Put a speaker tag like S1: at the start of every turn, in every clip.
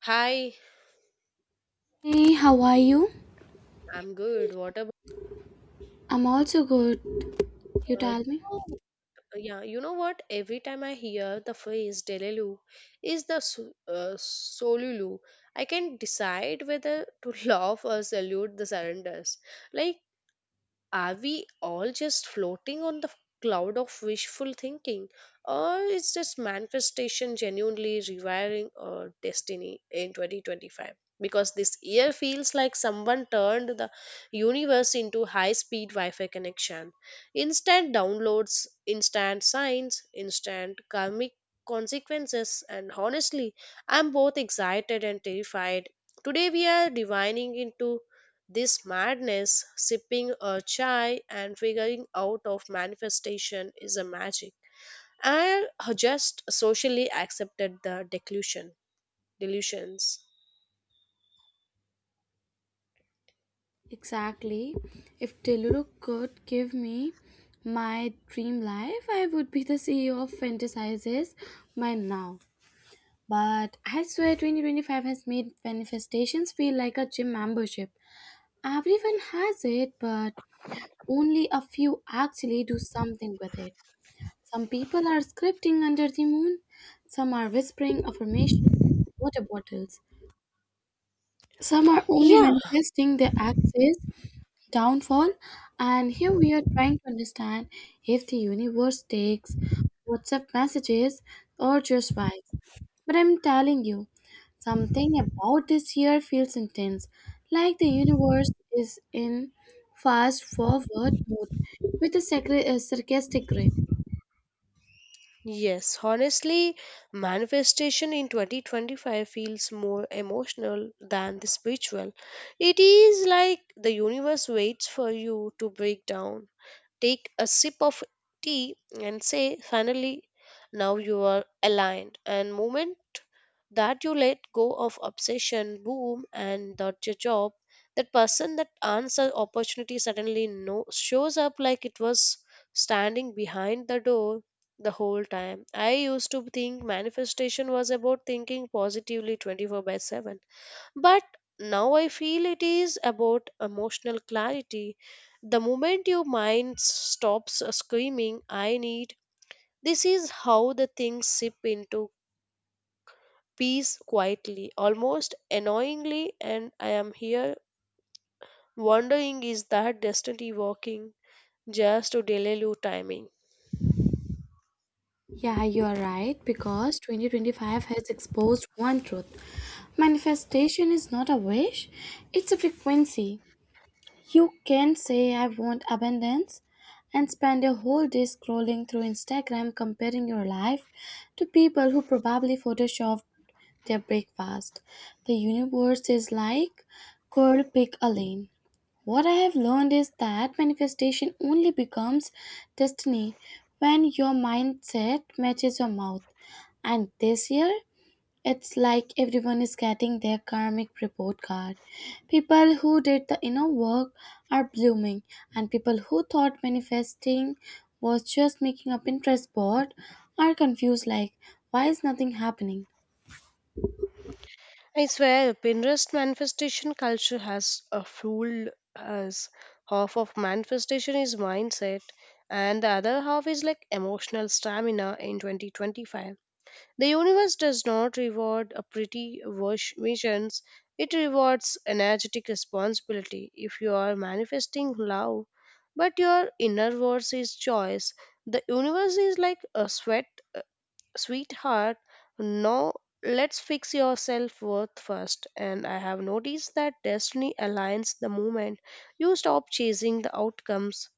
S1: Hi,
S2: Hey, how are you?
S1: I'm good. What about
S2: I'm also good. You
S1: uh,
S2: tell me.
S1: you know- yeah, you know what? Every time I hear the phrase Delelu is Solulu, I can decide whether to laugh or salute the surrenders. Like, are we all just floating on the cloud of wishful thinking, or is this manifestation genuinely rewiring our destiny in 2025? Because this year feels like someone turned the universe into high speed Wi Fi connection, instant downloads, instant signs, instant karmic consequences, and honestly, I'm both excited and terrified. Today, we are divining into this madness, sipping a chai and figuring out of manifestation is a magic. And just socially accepted the delusions.
S2: Exactly. If Teluru could give me my dream life, I would be the CEO of Fantasizes by now. But I swear 2025 has made manifestations feel like a gym membership. Everyone has it, but only a few actually do something with it. Some people are scripting under the moon, some are whispering affirmations water bottles some are only
S1: Yeah,
S2: manifesting their axis downfall, and here we are trying to understand if the universe takes WhatsApp messages or just vibes. But I'm telling you, something about this year feels intense, like the universe is in fast forward mode with a sarcastic grin.
S1: yes. Honestly, manifestation in 2025 feels more emotional than the spiritual. It is like the universe waits for you to break down, take a sip of tea and say finally now you are aligned and moment that you let go of obsession boom and that's your job, that person, that answer, opportunity suddenly no shows up like it was standing behind the door the whole time. I used to think manifestation was about thinking positively 24 by 7, but now I feel it is about emotional clarity. The moment your mind stops screaming, I need, this is how the things sip into peace quietly, almost annoyingly. And I am here wondering, is that destiny working just to delay your timing?
S2: Yeah, you are right because 2025 has exposed one truth. Manifestation is not a wish, it's a frequency. You can say, I want abundance, and spend a whole day scrolling through Instagram comparing your life to people who probably photoshopped their breakfast. The universe is like, girl, pick a lane. What I have learned is that manifestation only becomes destiny when your mindset matches your mouth. And this year, it's like everyone is getting their karmic report card. People who did the inner work are blooming, and people who thought manifesting was just making a Pinterest board are confused like, why is nothing happening?
S1: I swear, Pinterest manifestation culture has fooled us. Half of manifestation is mindset, and the other half is like emotional stamina in 2025. The universe does not reward a visions, it rewards energetic responsibility. If you are manifesting love, but your inner voice is choice, the universe is like a sweat sweetheart, no, let's fix your self worth first. And I have noticed that destiny aligns the moment you stop chasing the outcomes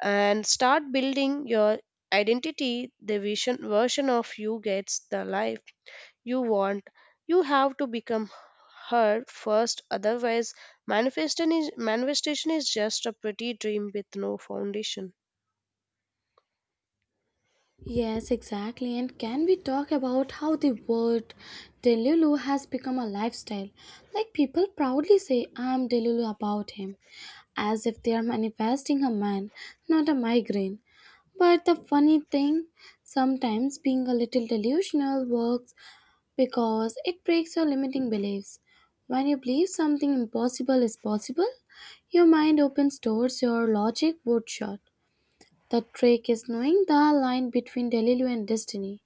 S1: and start building your identity. The vision version of you gets the life you want. You have to become her first, otherwise, manifestation is just a pretty dream with no foundation.
S2: Yes, exactly. And can we talk about how the word Delulu has become a lifestyle? Like people proudly say, I'm Delulu about him, as if they are manifesting a man, not a migraine. But the funny thing, sometimes being a little delusional works because it breaks your limiting beliefs. When you believe something impossible is possible, your mind opens doors your logic would shut. The trick is knowing the line between Delulu and destiny.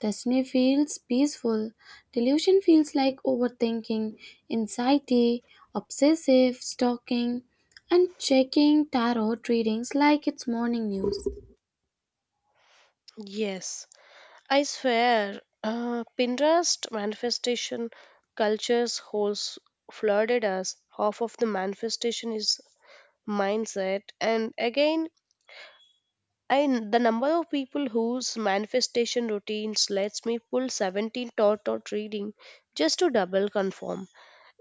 S2: Destiny feels peaceful. Delusion feels like overthinking, anxiety, obsessive stalking, and checking tarot readings like it's morning news.
S1: Yes. I swear, Pinterest manifestation cultures holds flooded us. Half of the manifestation is mindset, and again, I the number of people whose manifestation routines lets me pull 17 dot dot reading just to double confirm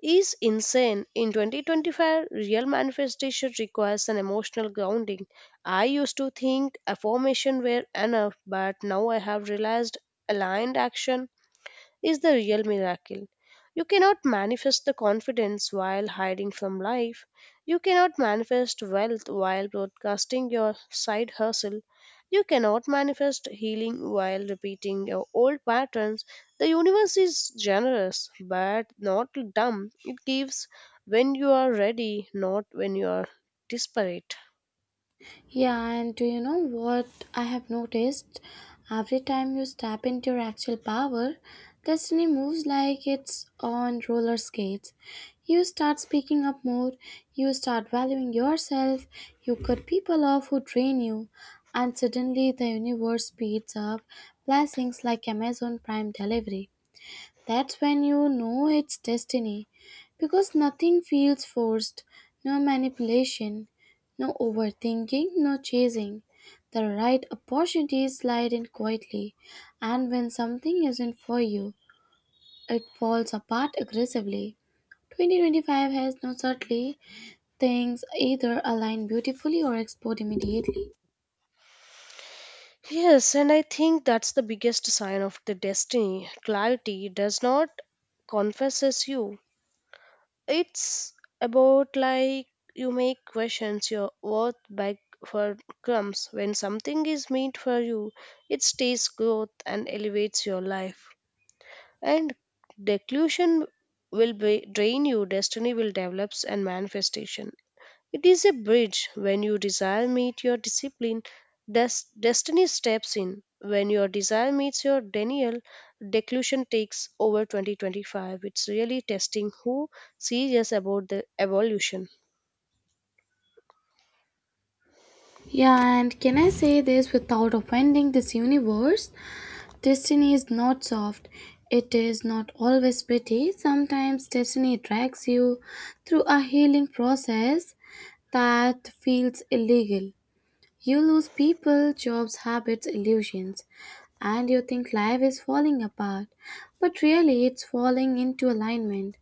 S1: is insane. In 2025, real manifestation requires an emotional grounding. I used to think affirmation were enough, but now I have realized aligned action is the real miracle. You cannot manifest the confidence while hiding from life. You cannot manifest wealth while broadcasting your side hustle. You cannot manifest healing while repeating your old patterns. The universe is generous but not dumb. It gives when you are ready, not when you are desperate.
S2: Yeah, and do you know what I have noticed? Every time you step into your actual power, destiny moves like it's on roller skates. You start speaking up more, you start valuing yourself, you cut people off who drain you, and suddenly the universe speeds up blessings like Amazon Prime delivery. That's when you know it's destiny because nothing feels forced, no manipulation, no overthinking, no chasing. The right opportunities slide in quietly, and when something isn't for you, it falls apart aggressively. 2025 has no certainty. Things either align beautifully or explode immediately.
S1: Yes, and I think that's the biggest sign of the destiny. Clarity does not confesses you. It's about, like, you make questions your worth back for crumbs. When something is meant for you, it stays growth and elevates your life. And declusion will be, drain you, destiny will develops and manifestation. It is a bridge. When your desire meets your discipline, destiny steps in. When your desire meets your denial, declusion takes over 2025. It's really testing who sees serious about the evolution.
S2: Yeah, and can I say this without offending this universe? Destiny is not soft. It is not always pretty. Sometimes destiny drags you through a healing process that feels illegal. You lose people, jobs, habits, illusions, and you think life is falling apart. But really, it's falling into alignment.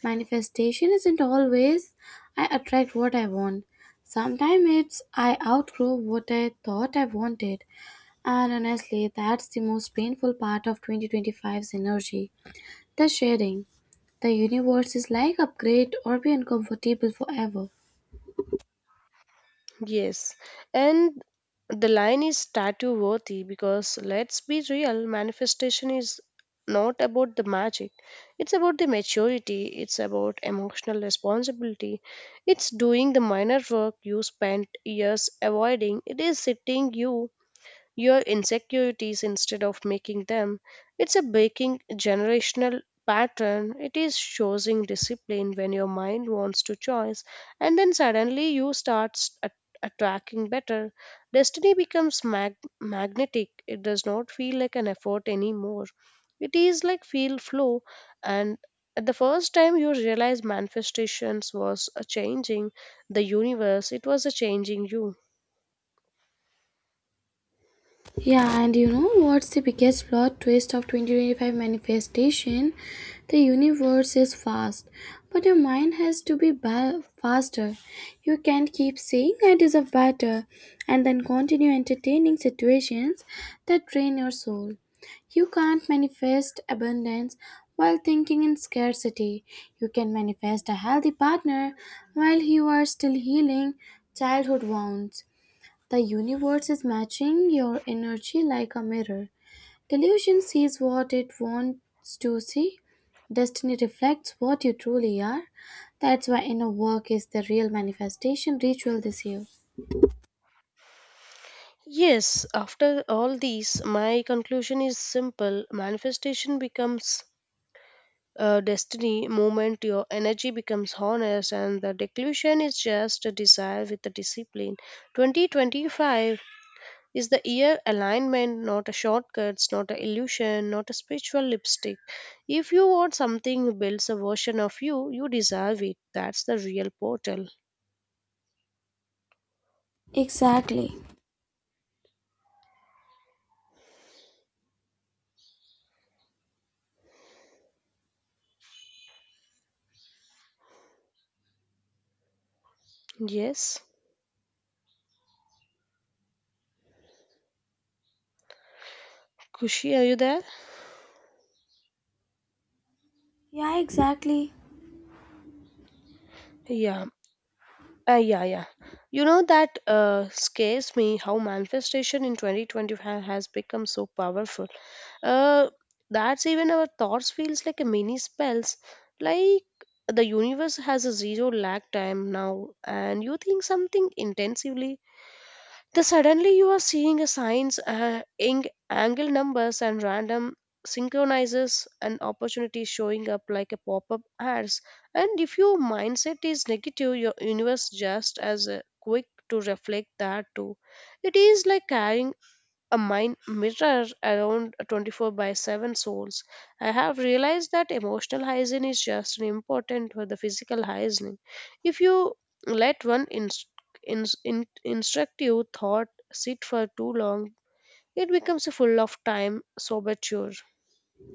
S2: Manifestation isn't always I attract what I want. Sometimes it's I outgrow what I thought I wanted. And honestly, that's the most painful part of 2025's energy, the sharing. The universe is like upgrade or be uncomfortable forever.
S1: Yes, and the line is statue worthy because let's be real, manifestation is not about the magic. It's about the maturity, it's about emotional responsibility, it's doing the minor work you spent years avoiding, it is sitting you your insecurities instead of making them. It's a breaking generational pattern. It is choosing discipline when your mind wants to choice, and then suddenly you start attracting better. Destiny becomes magnetic. It does not feel like an effort anymore. It is like feel flow, and at the first time you realize manifestations was a changing the universe. It was a changing you.
S2: Yeah, and you know what's the biggest plot twist of 2025 manifestation? The universe is fast, but your mind has to be faster. You can't keep saying I deserve better and then continue entertaining situations that drain your soul. You can't manifest abundance while thinking in scarcity. You can manifest a healthy partner while you are still healing childhood wounds. The universe is matching your energy like a mirror. Delusion sees what it wants to see. Destiny reflects what you truly are. That's why inner work is the real manifestation ritual this year.
S1: Yes, after all these, my conclusion is simple. Manifestation becomes a destiny moment, your energy becomes honest, and the declusion is just a desire with a discipline. 2025 is the year alignment, not a shortcuts, not a illusion, not a spiritual lipstick. If you want something who builds a version of you, you deserve it. That's the real portal.
S2: Exactly.
S1: Yes. Kushi, are you there?
S2: Yeah, exactly.
S1: Yeah. Yeah. You know that scares me how manifestation in 2025 has become so powerful. Uh, that's even our thoughts feels like a mini spells. Like the universe has a zero lag time now, and you think something intensively, then suddenly you are seeing a signs, ing- angle numbers, and random synchronizes and opportunities showing up like a pop-up ads. And if your mindset is negative, your universe just as quick to reflect that too. It is like carrying a mind mirror around 24 by 7 souls. I have realized that emotional hygiene is just as important for the physical hygiene. If you let one instructive thought sit for too long, it becomes full of time soberture.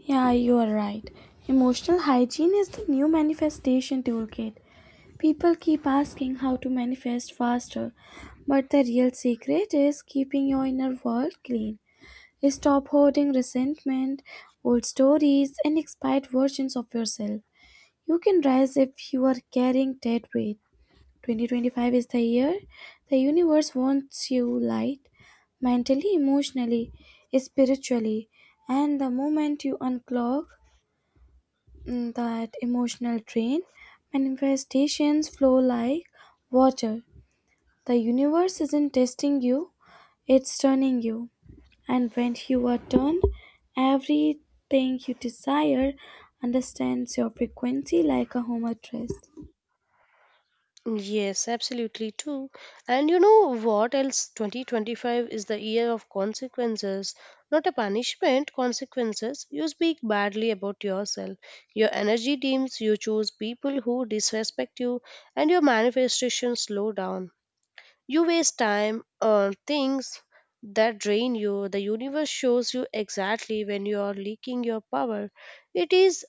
S2: Yeah, you are right. Emotional hygiene is the new manifestation toolkit. People keep asking how to manifest faster, but the real secret is keeping your inner world clean. Stop hoarding resentment, old stories, and expired versions of yourself. You can rise if you are carrying dead weight. 2025 is the year the universe wants you light, mentally, emotionally, spiritually, and the moment you unclog that emotional drain, manifestations flow like water. The universe isn't testing you, it's turning you. And when you are done, everything you desire understands your frequency like a home address.
S1: Yes, absolutely too. And you know what else? 2025 is the year of consequences, not a punishment, consequences. You speak badly about yourself. Your energy dims, you choose people who disrespect you, and your manifestations slow down. You waste time on things that drain you. The universe shows you exactly when you are leaking your power. It is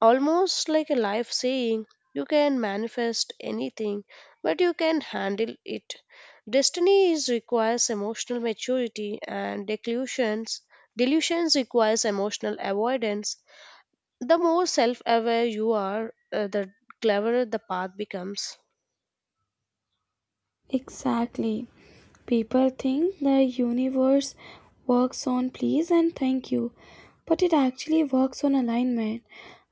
S1: almost like a life saying, you can manifest anything but you can handle it. Destiny is requires emotional maturity, and delusions, delusions requires emotional avoidance. The more self aware you are, the cleverer the path becomes.
S2: Exactly. People think the universe works on please and thank you, but it actually works on alignment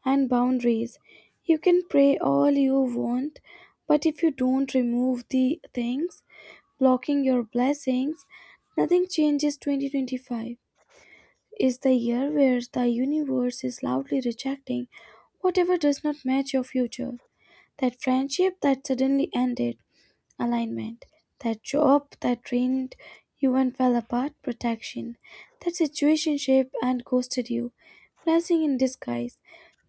S2: and boundaries. You can pray all you want, but if you don't remove the things blocking your blessings, nothing changes. 2025 is the year where the universe is loudly rejecting whatever does not match your future. That friendship that suddenly ended, alignment; that job that drained you and fell apart, protection; that situationship and ghosted you, blessing in disguise.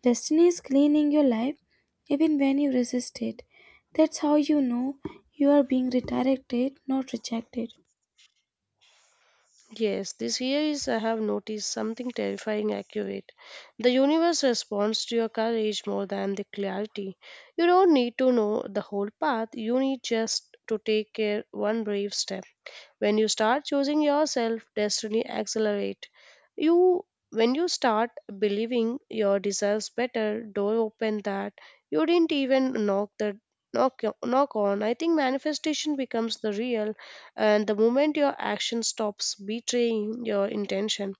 S2: Destiny is cleaning your life even when you resist it. That's how you know you are being redirected, not rejected.
S1: Yes, this year is I have noticed something terrifying accurate. The universe responds to your courage more than the clarity. You don't need to know the whole path, you need just to take care one brave step. When you start choosing yourself, destiny accelerate. You, when you start believing your deserves better, door open that you didn't even knock the knock on. I think manifestation becomes the real and the moment your action stops betraying your intention.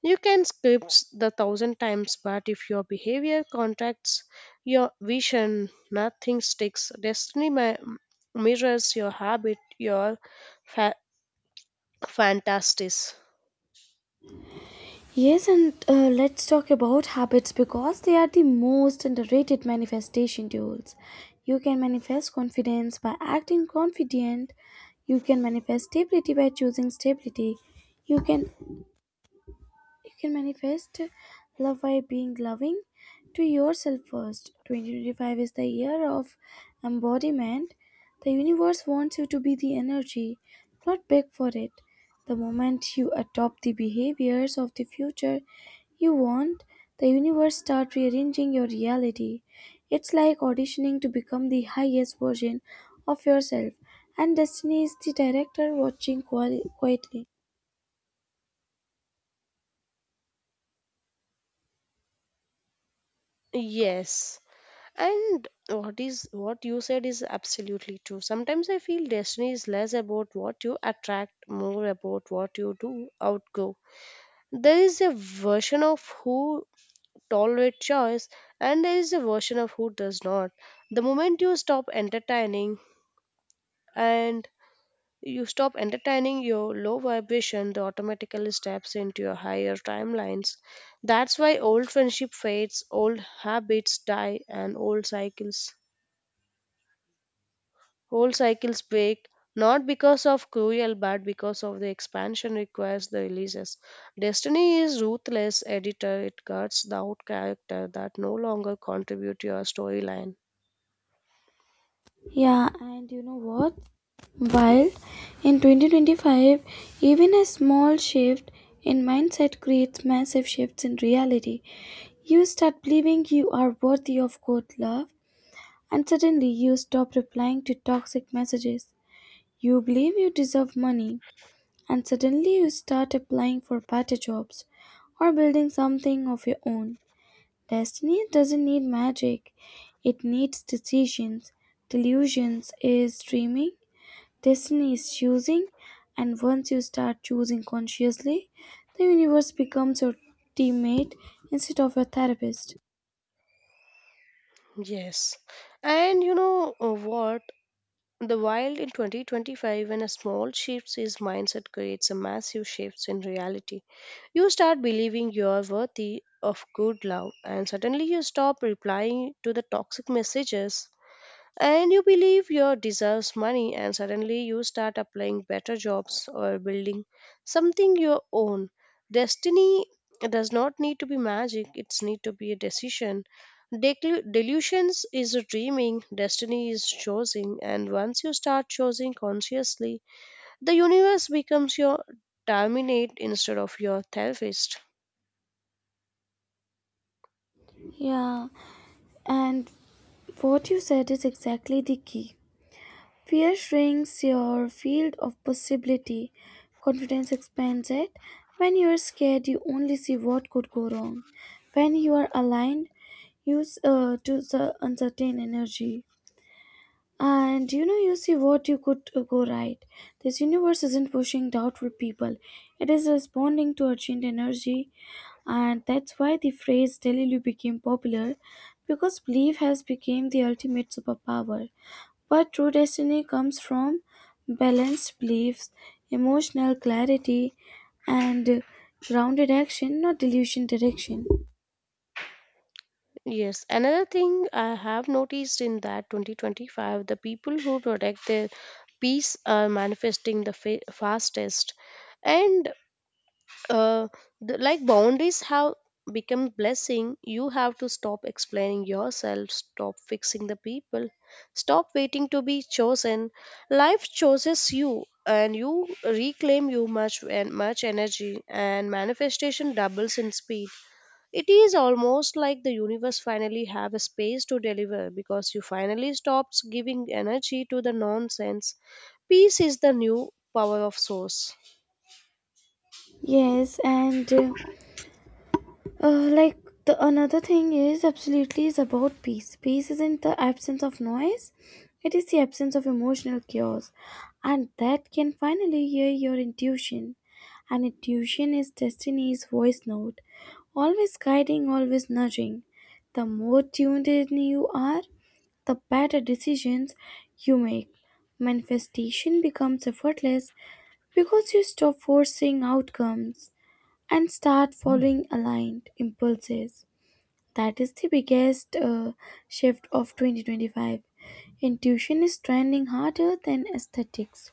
S1: You can script the thousand times, but if your behavior contracts your vision, nothing sticks. Destiny mirrors your habit, your fantastic.
S2: Yes, and let's talk about habits because they are the most underrated manifestation tools. You can manifest confidence by acting confident. You can manifest stability by choosing stability. You can you can manifest love by being loving to yourself first. 2025 is the year of embodiment. The universe wants you to be the energy, not beg for it. The moment you adopt the behaviors of the future you want, the universe starts rearranging your reality. It's like auditioning to become the highest version of yourself, and destiny is the director watching quietly.
S1: Yes, and what is what you said is absolutely true. Sometimes I feel destiny is less about what you attract, more about what you do outgo. There is a version of who tolerate choice, and there is a version of who does not. The moment you stop entertaining and you stop entertaining your low vibration, that automatically steps into your higher timelines. That's why old friendship fades, old habits die, and old cycles break. Not because of cruel, but because of the expansion requires the releases. Destiny is ruthless editor. It cuts out character that no longer contribute to your storyline.
S2: Yeah, and you know what? While in 2025, even a small shift in mindset creates massive shifts in reality. You start believing you are worthy of good love, and suddenly you stop replying to toxic messages. You believe you deserve money, and suddenly you start applying for better jobs or building something of your own. Destiny doesn't need magic, it needs decisions. Delusions is dreaming. Destiny is choosing, and once you start choosing consciously, the universe becomes your teammate instead of your therapist.
S1: Yes, and you know, what? The Wild in 2025, when a small shifts his mindset creates a massive shifts in reality. You start believing you are worthy of good love, and suddenly you stop replying to the toxic messages, and you believe you deserves money and suddenly you start applying better jobs or building something your own. Destiny does not need to be magic, it's need to be a decision. Delusions is a dreaming, destiny is choosing, and once you start choosing consciously, the universe becomes your terminate instead of your therapist.
S2: Yeah, and what you said is exactly the key. Fear shrinks your field of possibility, confidence expands it. When you are scared, you only see what could go wrong. When you are aligned, use to the uncertain energy. And you know, you see what you could go right. This universe isn't pushing doubtful people, it is responding to urgent energy, and that's why the phrase Delulu became popular because belief has become the ultimate superpower. But true destiny comes from balanced beliefs, emotional clarity, and grounded action, not delusion direction.
S1: Yes, another thing I have noticed in that 2025, the people who protect their peace are manifesting the fastest, and uh, like, boundaries have become blessing. You have to stop explaining yourself, stop fixing the people, stop waiting to be chosen. Life chooses you, and you reclaim you much and much energy, and manifestation doubles in speed. It is almost like the universe finally have a space to deliver because you finally stops giving energy to the nonsense. Peace is the new power of source.
S2: Yes, and like the another thing is absolutely is about peace. Peace isn't the absence of noise; it is the absence of emotional chaos, and that can finally hear your intuition. And intuition is destiny's voice note, always guiding, always nudging. The more tuned in you are, the better decisions you make. Manifestation becomes effortless because you stop forcing outcomes and start following aligned impulses. That is the biggest shift of 2025. Intuition is trending harder than aesthetics.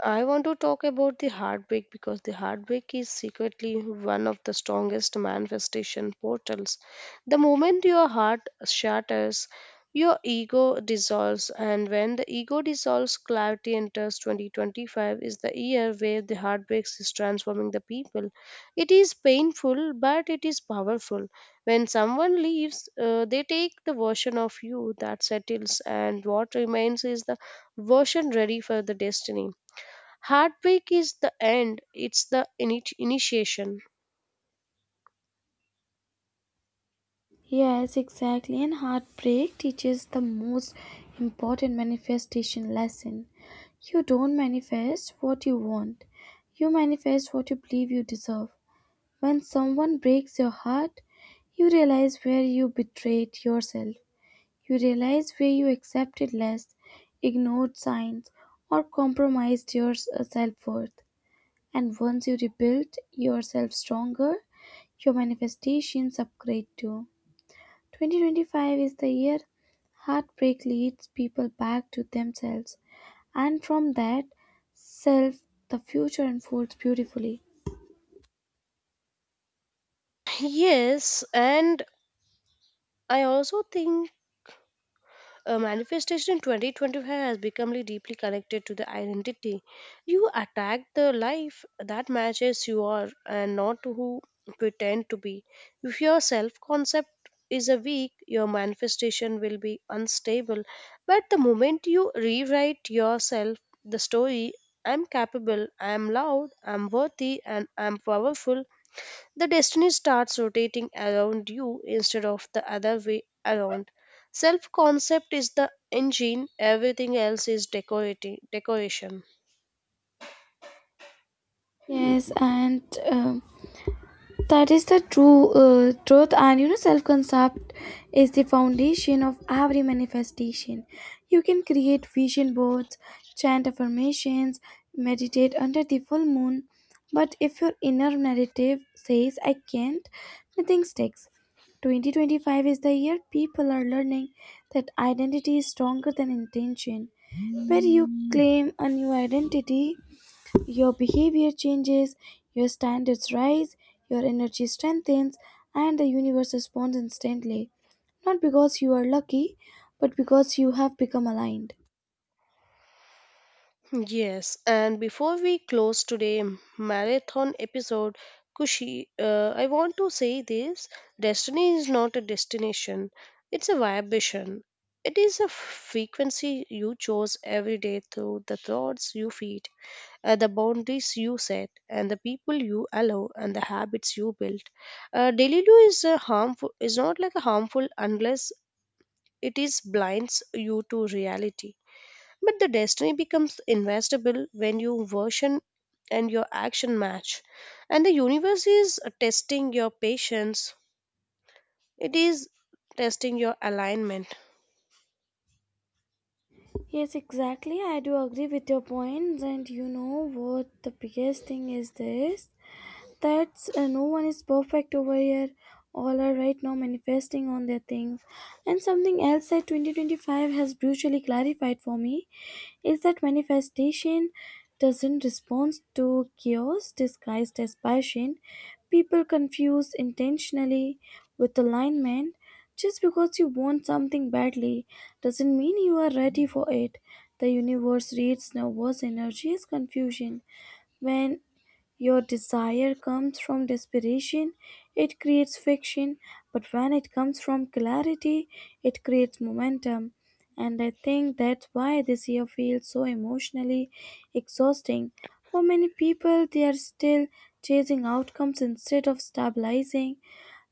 S1: I want to talk about the heartbreak because the heartbreak is secretly one of the strongest manifestation portals. The moment your heart shatters, your ego dissolves, and when the ego dissolves, clarity enters. 2025 is the year where the heartbreaks is transforming the people. It is painful, but it is powerful. When someone leaves, they take the version of you that settles, and what remains is the version ready for the destiny. Heartbreak is the end, it's the initiation.
S2: Yes, exactly. And heartbreak teaches the most important manifestation lesson. You don't manifest what you want, you manifest what you believe you deserve. When someone breaks your heart, you realize where you betrayed yourself. You realize where you accepted less, ignored signs, or compromised your self worth. And once you rebuild yourself stronger, your manifestations upgrade too. 2025 is the year heartbreak leads people back to themselves, and from that self, the future unfolds beautifully.
S1: Yes, and I also think a manifestation in 2025 has become really deeply connected to the identity. You attack the life that matches you are and not who you pretend to be. If your self concept is a weak, your manifestation will be unstable. But the moment you rewrite yourself, the story, I'm capable, I'm loud, I'm worthy, and I'm powerful, the destiny starts rotating around you instead of the other way around. Self concept is the engine, everything else is decoration.
S2: Yes, and um, that is the true truth, and you know, self concept is the foundation of every manifestation. You can create vision boards, chant affirmations, meditate under the full moon, but if your inner narrative says, I can't, nothing sticks. 2025 is the year people are learning that identity is stronger than intention. Where you claim a new identity, your behavior changes, your standards rise, your energy strengthens, and the universe responds instantly. Not because you are lucky, but because you have become aligned.
S1: Yes, and before we close today marathon episode, Kushi, I want to say this, destiny is not a destination, it's a vibration. It is a frequency you chose every day through the thoughts you feed, the boundaries you set, and the people you allow, and the habits you build. Daily is a harmful is not like a harmful unless it is blinds you to reality. But the destiny becomes investable when your version and your action match, and the universe is testing your patience. It is testing your alignment.
S2: Yes, exactly. I do agree with your points, and you know what the biggest thing is? This, that's no one is perfect over here, all are right now manifesting on their thing. And something else that 2025 has brutally clarified for me is that manifestation doesn't respond to chaos disguised as passion. People confuse intentionally with alignment. Just because you want something badly doesn't mean you are ready for it. The universe reads nervous energy as confusion. When your desire comes from desperation, it creates fiction, but when it comes from clarity, it creates momentum. And I think that's why this year feels so emotionally exhausting. For many people, they are still chasing outcomes instead of stabilizing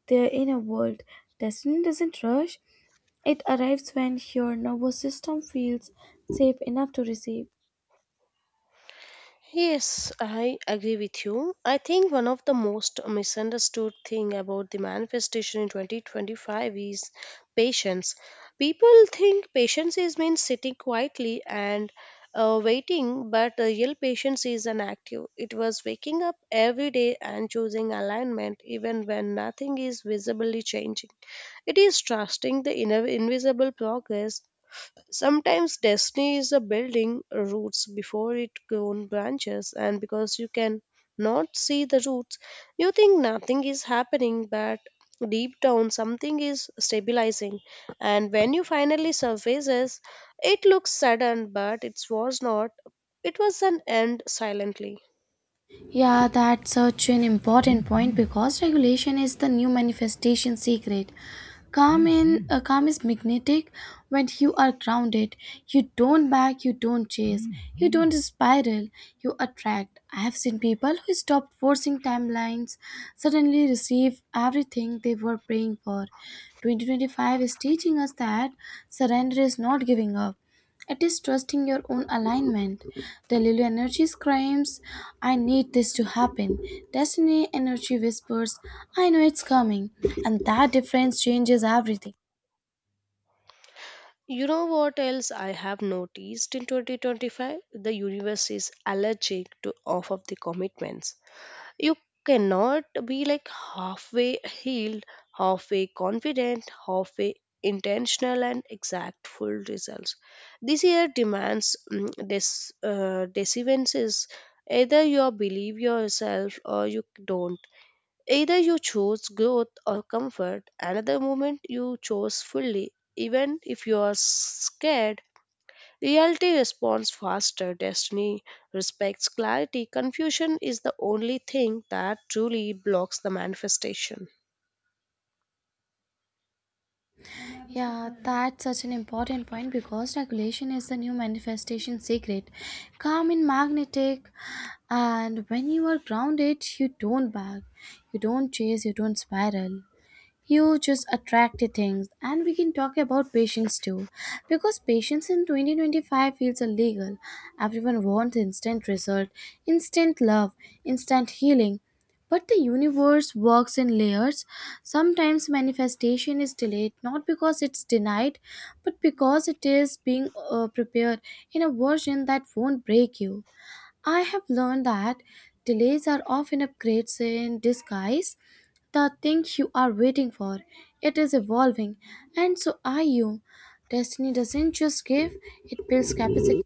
S2: their inner world. Destiny doesn't rush, it arrives when your nervous system feels safe enough to receive.
S1: Yes, I agree with you. I think one of the most misunderstood thing about the manifestation in 2025 is patience. People think patience is means sitting quietly and waiting, but the real patience is an active. It was waking up every day and choosing alignment even when nothing is visibly changing. It is trusting the inner invisible progress. Sometimes destiny is a building roots before it grown branches, and because you can not see the roots, you think nothing is happening, but deep down something is stabilizing. And when you finally surfaces, it looks sudden, but it was not. It was an end silently.
S2: Yeah, that's such an important point because regulation is the new manifestation secret. Calm is magnetic when you are grounded. You don't back, you don't chase, you don't spiral, you attract. I have seen people who stopped forcing timelines suddenly receive everything they were praying for. 2025 is teaching us that surrender is not giving up. It is trusting your own alignment. The Lulu energy screams, I need this to happen. Destiny energy whispers, I know it's coming. And that difference changes everything.
S1: You know what else I have noticed in 2025? The universe is allergic to off of the commitments. You cannot be like halfway healed, halfway confident, halfway intentional and exact full results. This year demands mm, this decisions. Either you believe yourself or you don't. Either you choose growth or comfort. Another moment you chose fully, even if you are scared. Reality responds faster, destiny respects clarity. Confusion is the only thing that truly blocks the manifestation.
S2: Yeah, that's such an important point because regulation is the new manifestation secret. Calm and magnetic, and when you are grounded, you don't bag, you don't chase, you don't spiral. You just attract the things. And we can talk about patience too, because patience in 2025 feels illegal. Everyone wants instant result, instant love, instant healing, but the universe works in layers. Sometimes manifestation is delayed not because it's denied, but because it is being prepared in a version that won't break you. I have learned that delays are often upgrades in disguise. The thing you are waiting for, it is evolving, and so are you. Destiny doesn't just give, it builds capacity.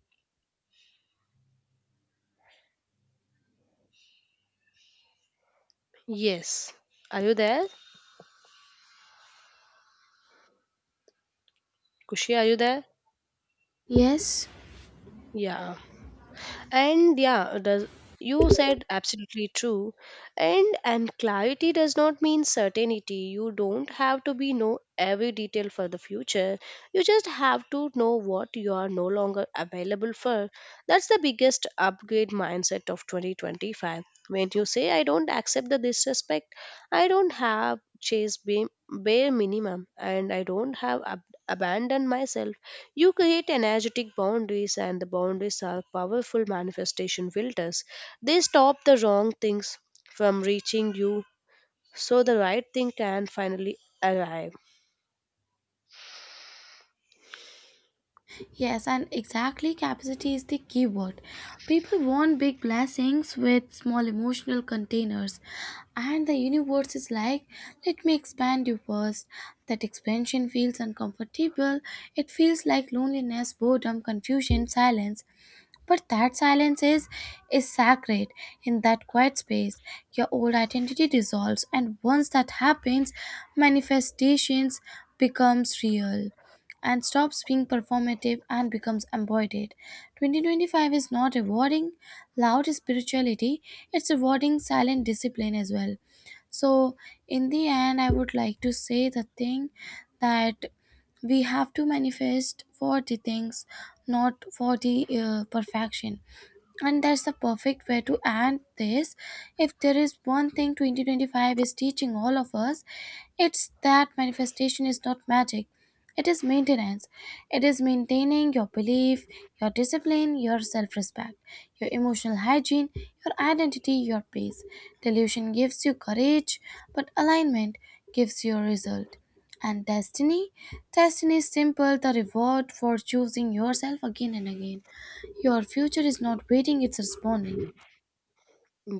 S1: Yes. Are you there? Kushi, are you there?
S2: Yes,
S1: Yeah. And yeah does you said absolutely true, and clarity does not mean certainty. You don't have to be know every detail for the future, you just have to know what you are no longer available for. That's the biggest upgrade mindset of 2025. When you say, I don't accept the disrespect, I don't have chase bare minimum, and I don't have abandoned myself, you create energetic boundaries, and the boundaries are powerful manifestation filters. They stop the wrong things from reaching you so the right thing can finally arrive.
S2: yes, and exactly, capacity is the key word. People want big blessings with small emotional containers, and the universe is like, let me expand you first. That expansion feels uncomfortable, it feels like loneliness, boredom, confusion, silence. But that silence is sacred. In that quiet space, your old identity dissolves, and once that happens, manifestations becomes real and stops being performative and becomes embodied. 2025 is not rewarding loud spirituality, it's rewarding silent discipline as well. So, in the end, I would like to say the thing that we have to manifest for the things, not for the perfection. And that's the perfect way to end this. If there is one thing 2025 is teaching all of us, it's that manifestation is not magic, it is maintenance. It is maintaining your belief, your discipline, your self-respect, your emotional hygiene, your identity, your peace. Delusion gives you courage, but alignment gives you a result. And destiny, destiny is simple: the reward for choosing yourself again and again. Your future is not waiting, it's responding.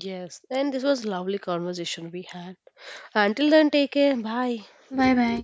S1: Yes, and this was lovely conversation we had. Until then, take care. Bye.
S2: Bye bye.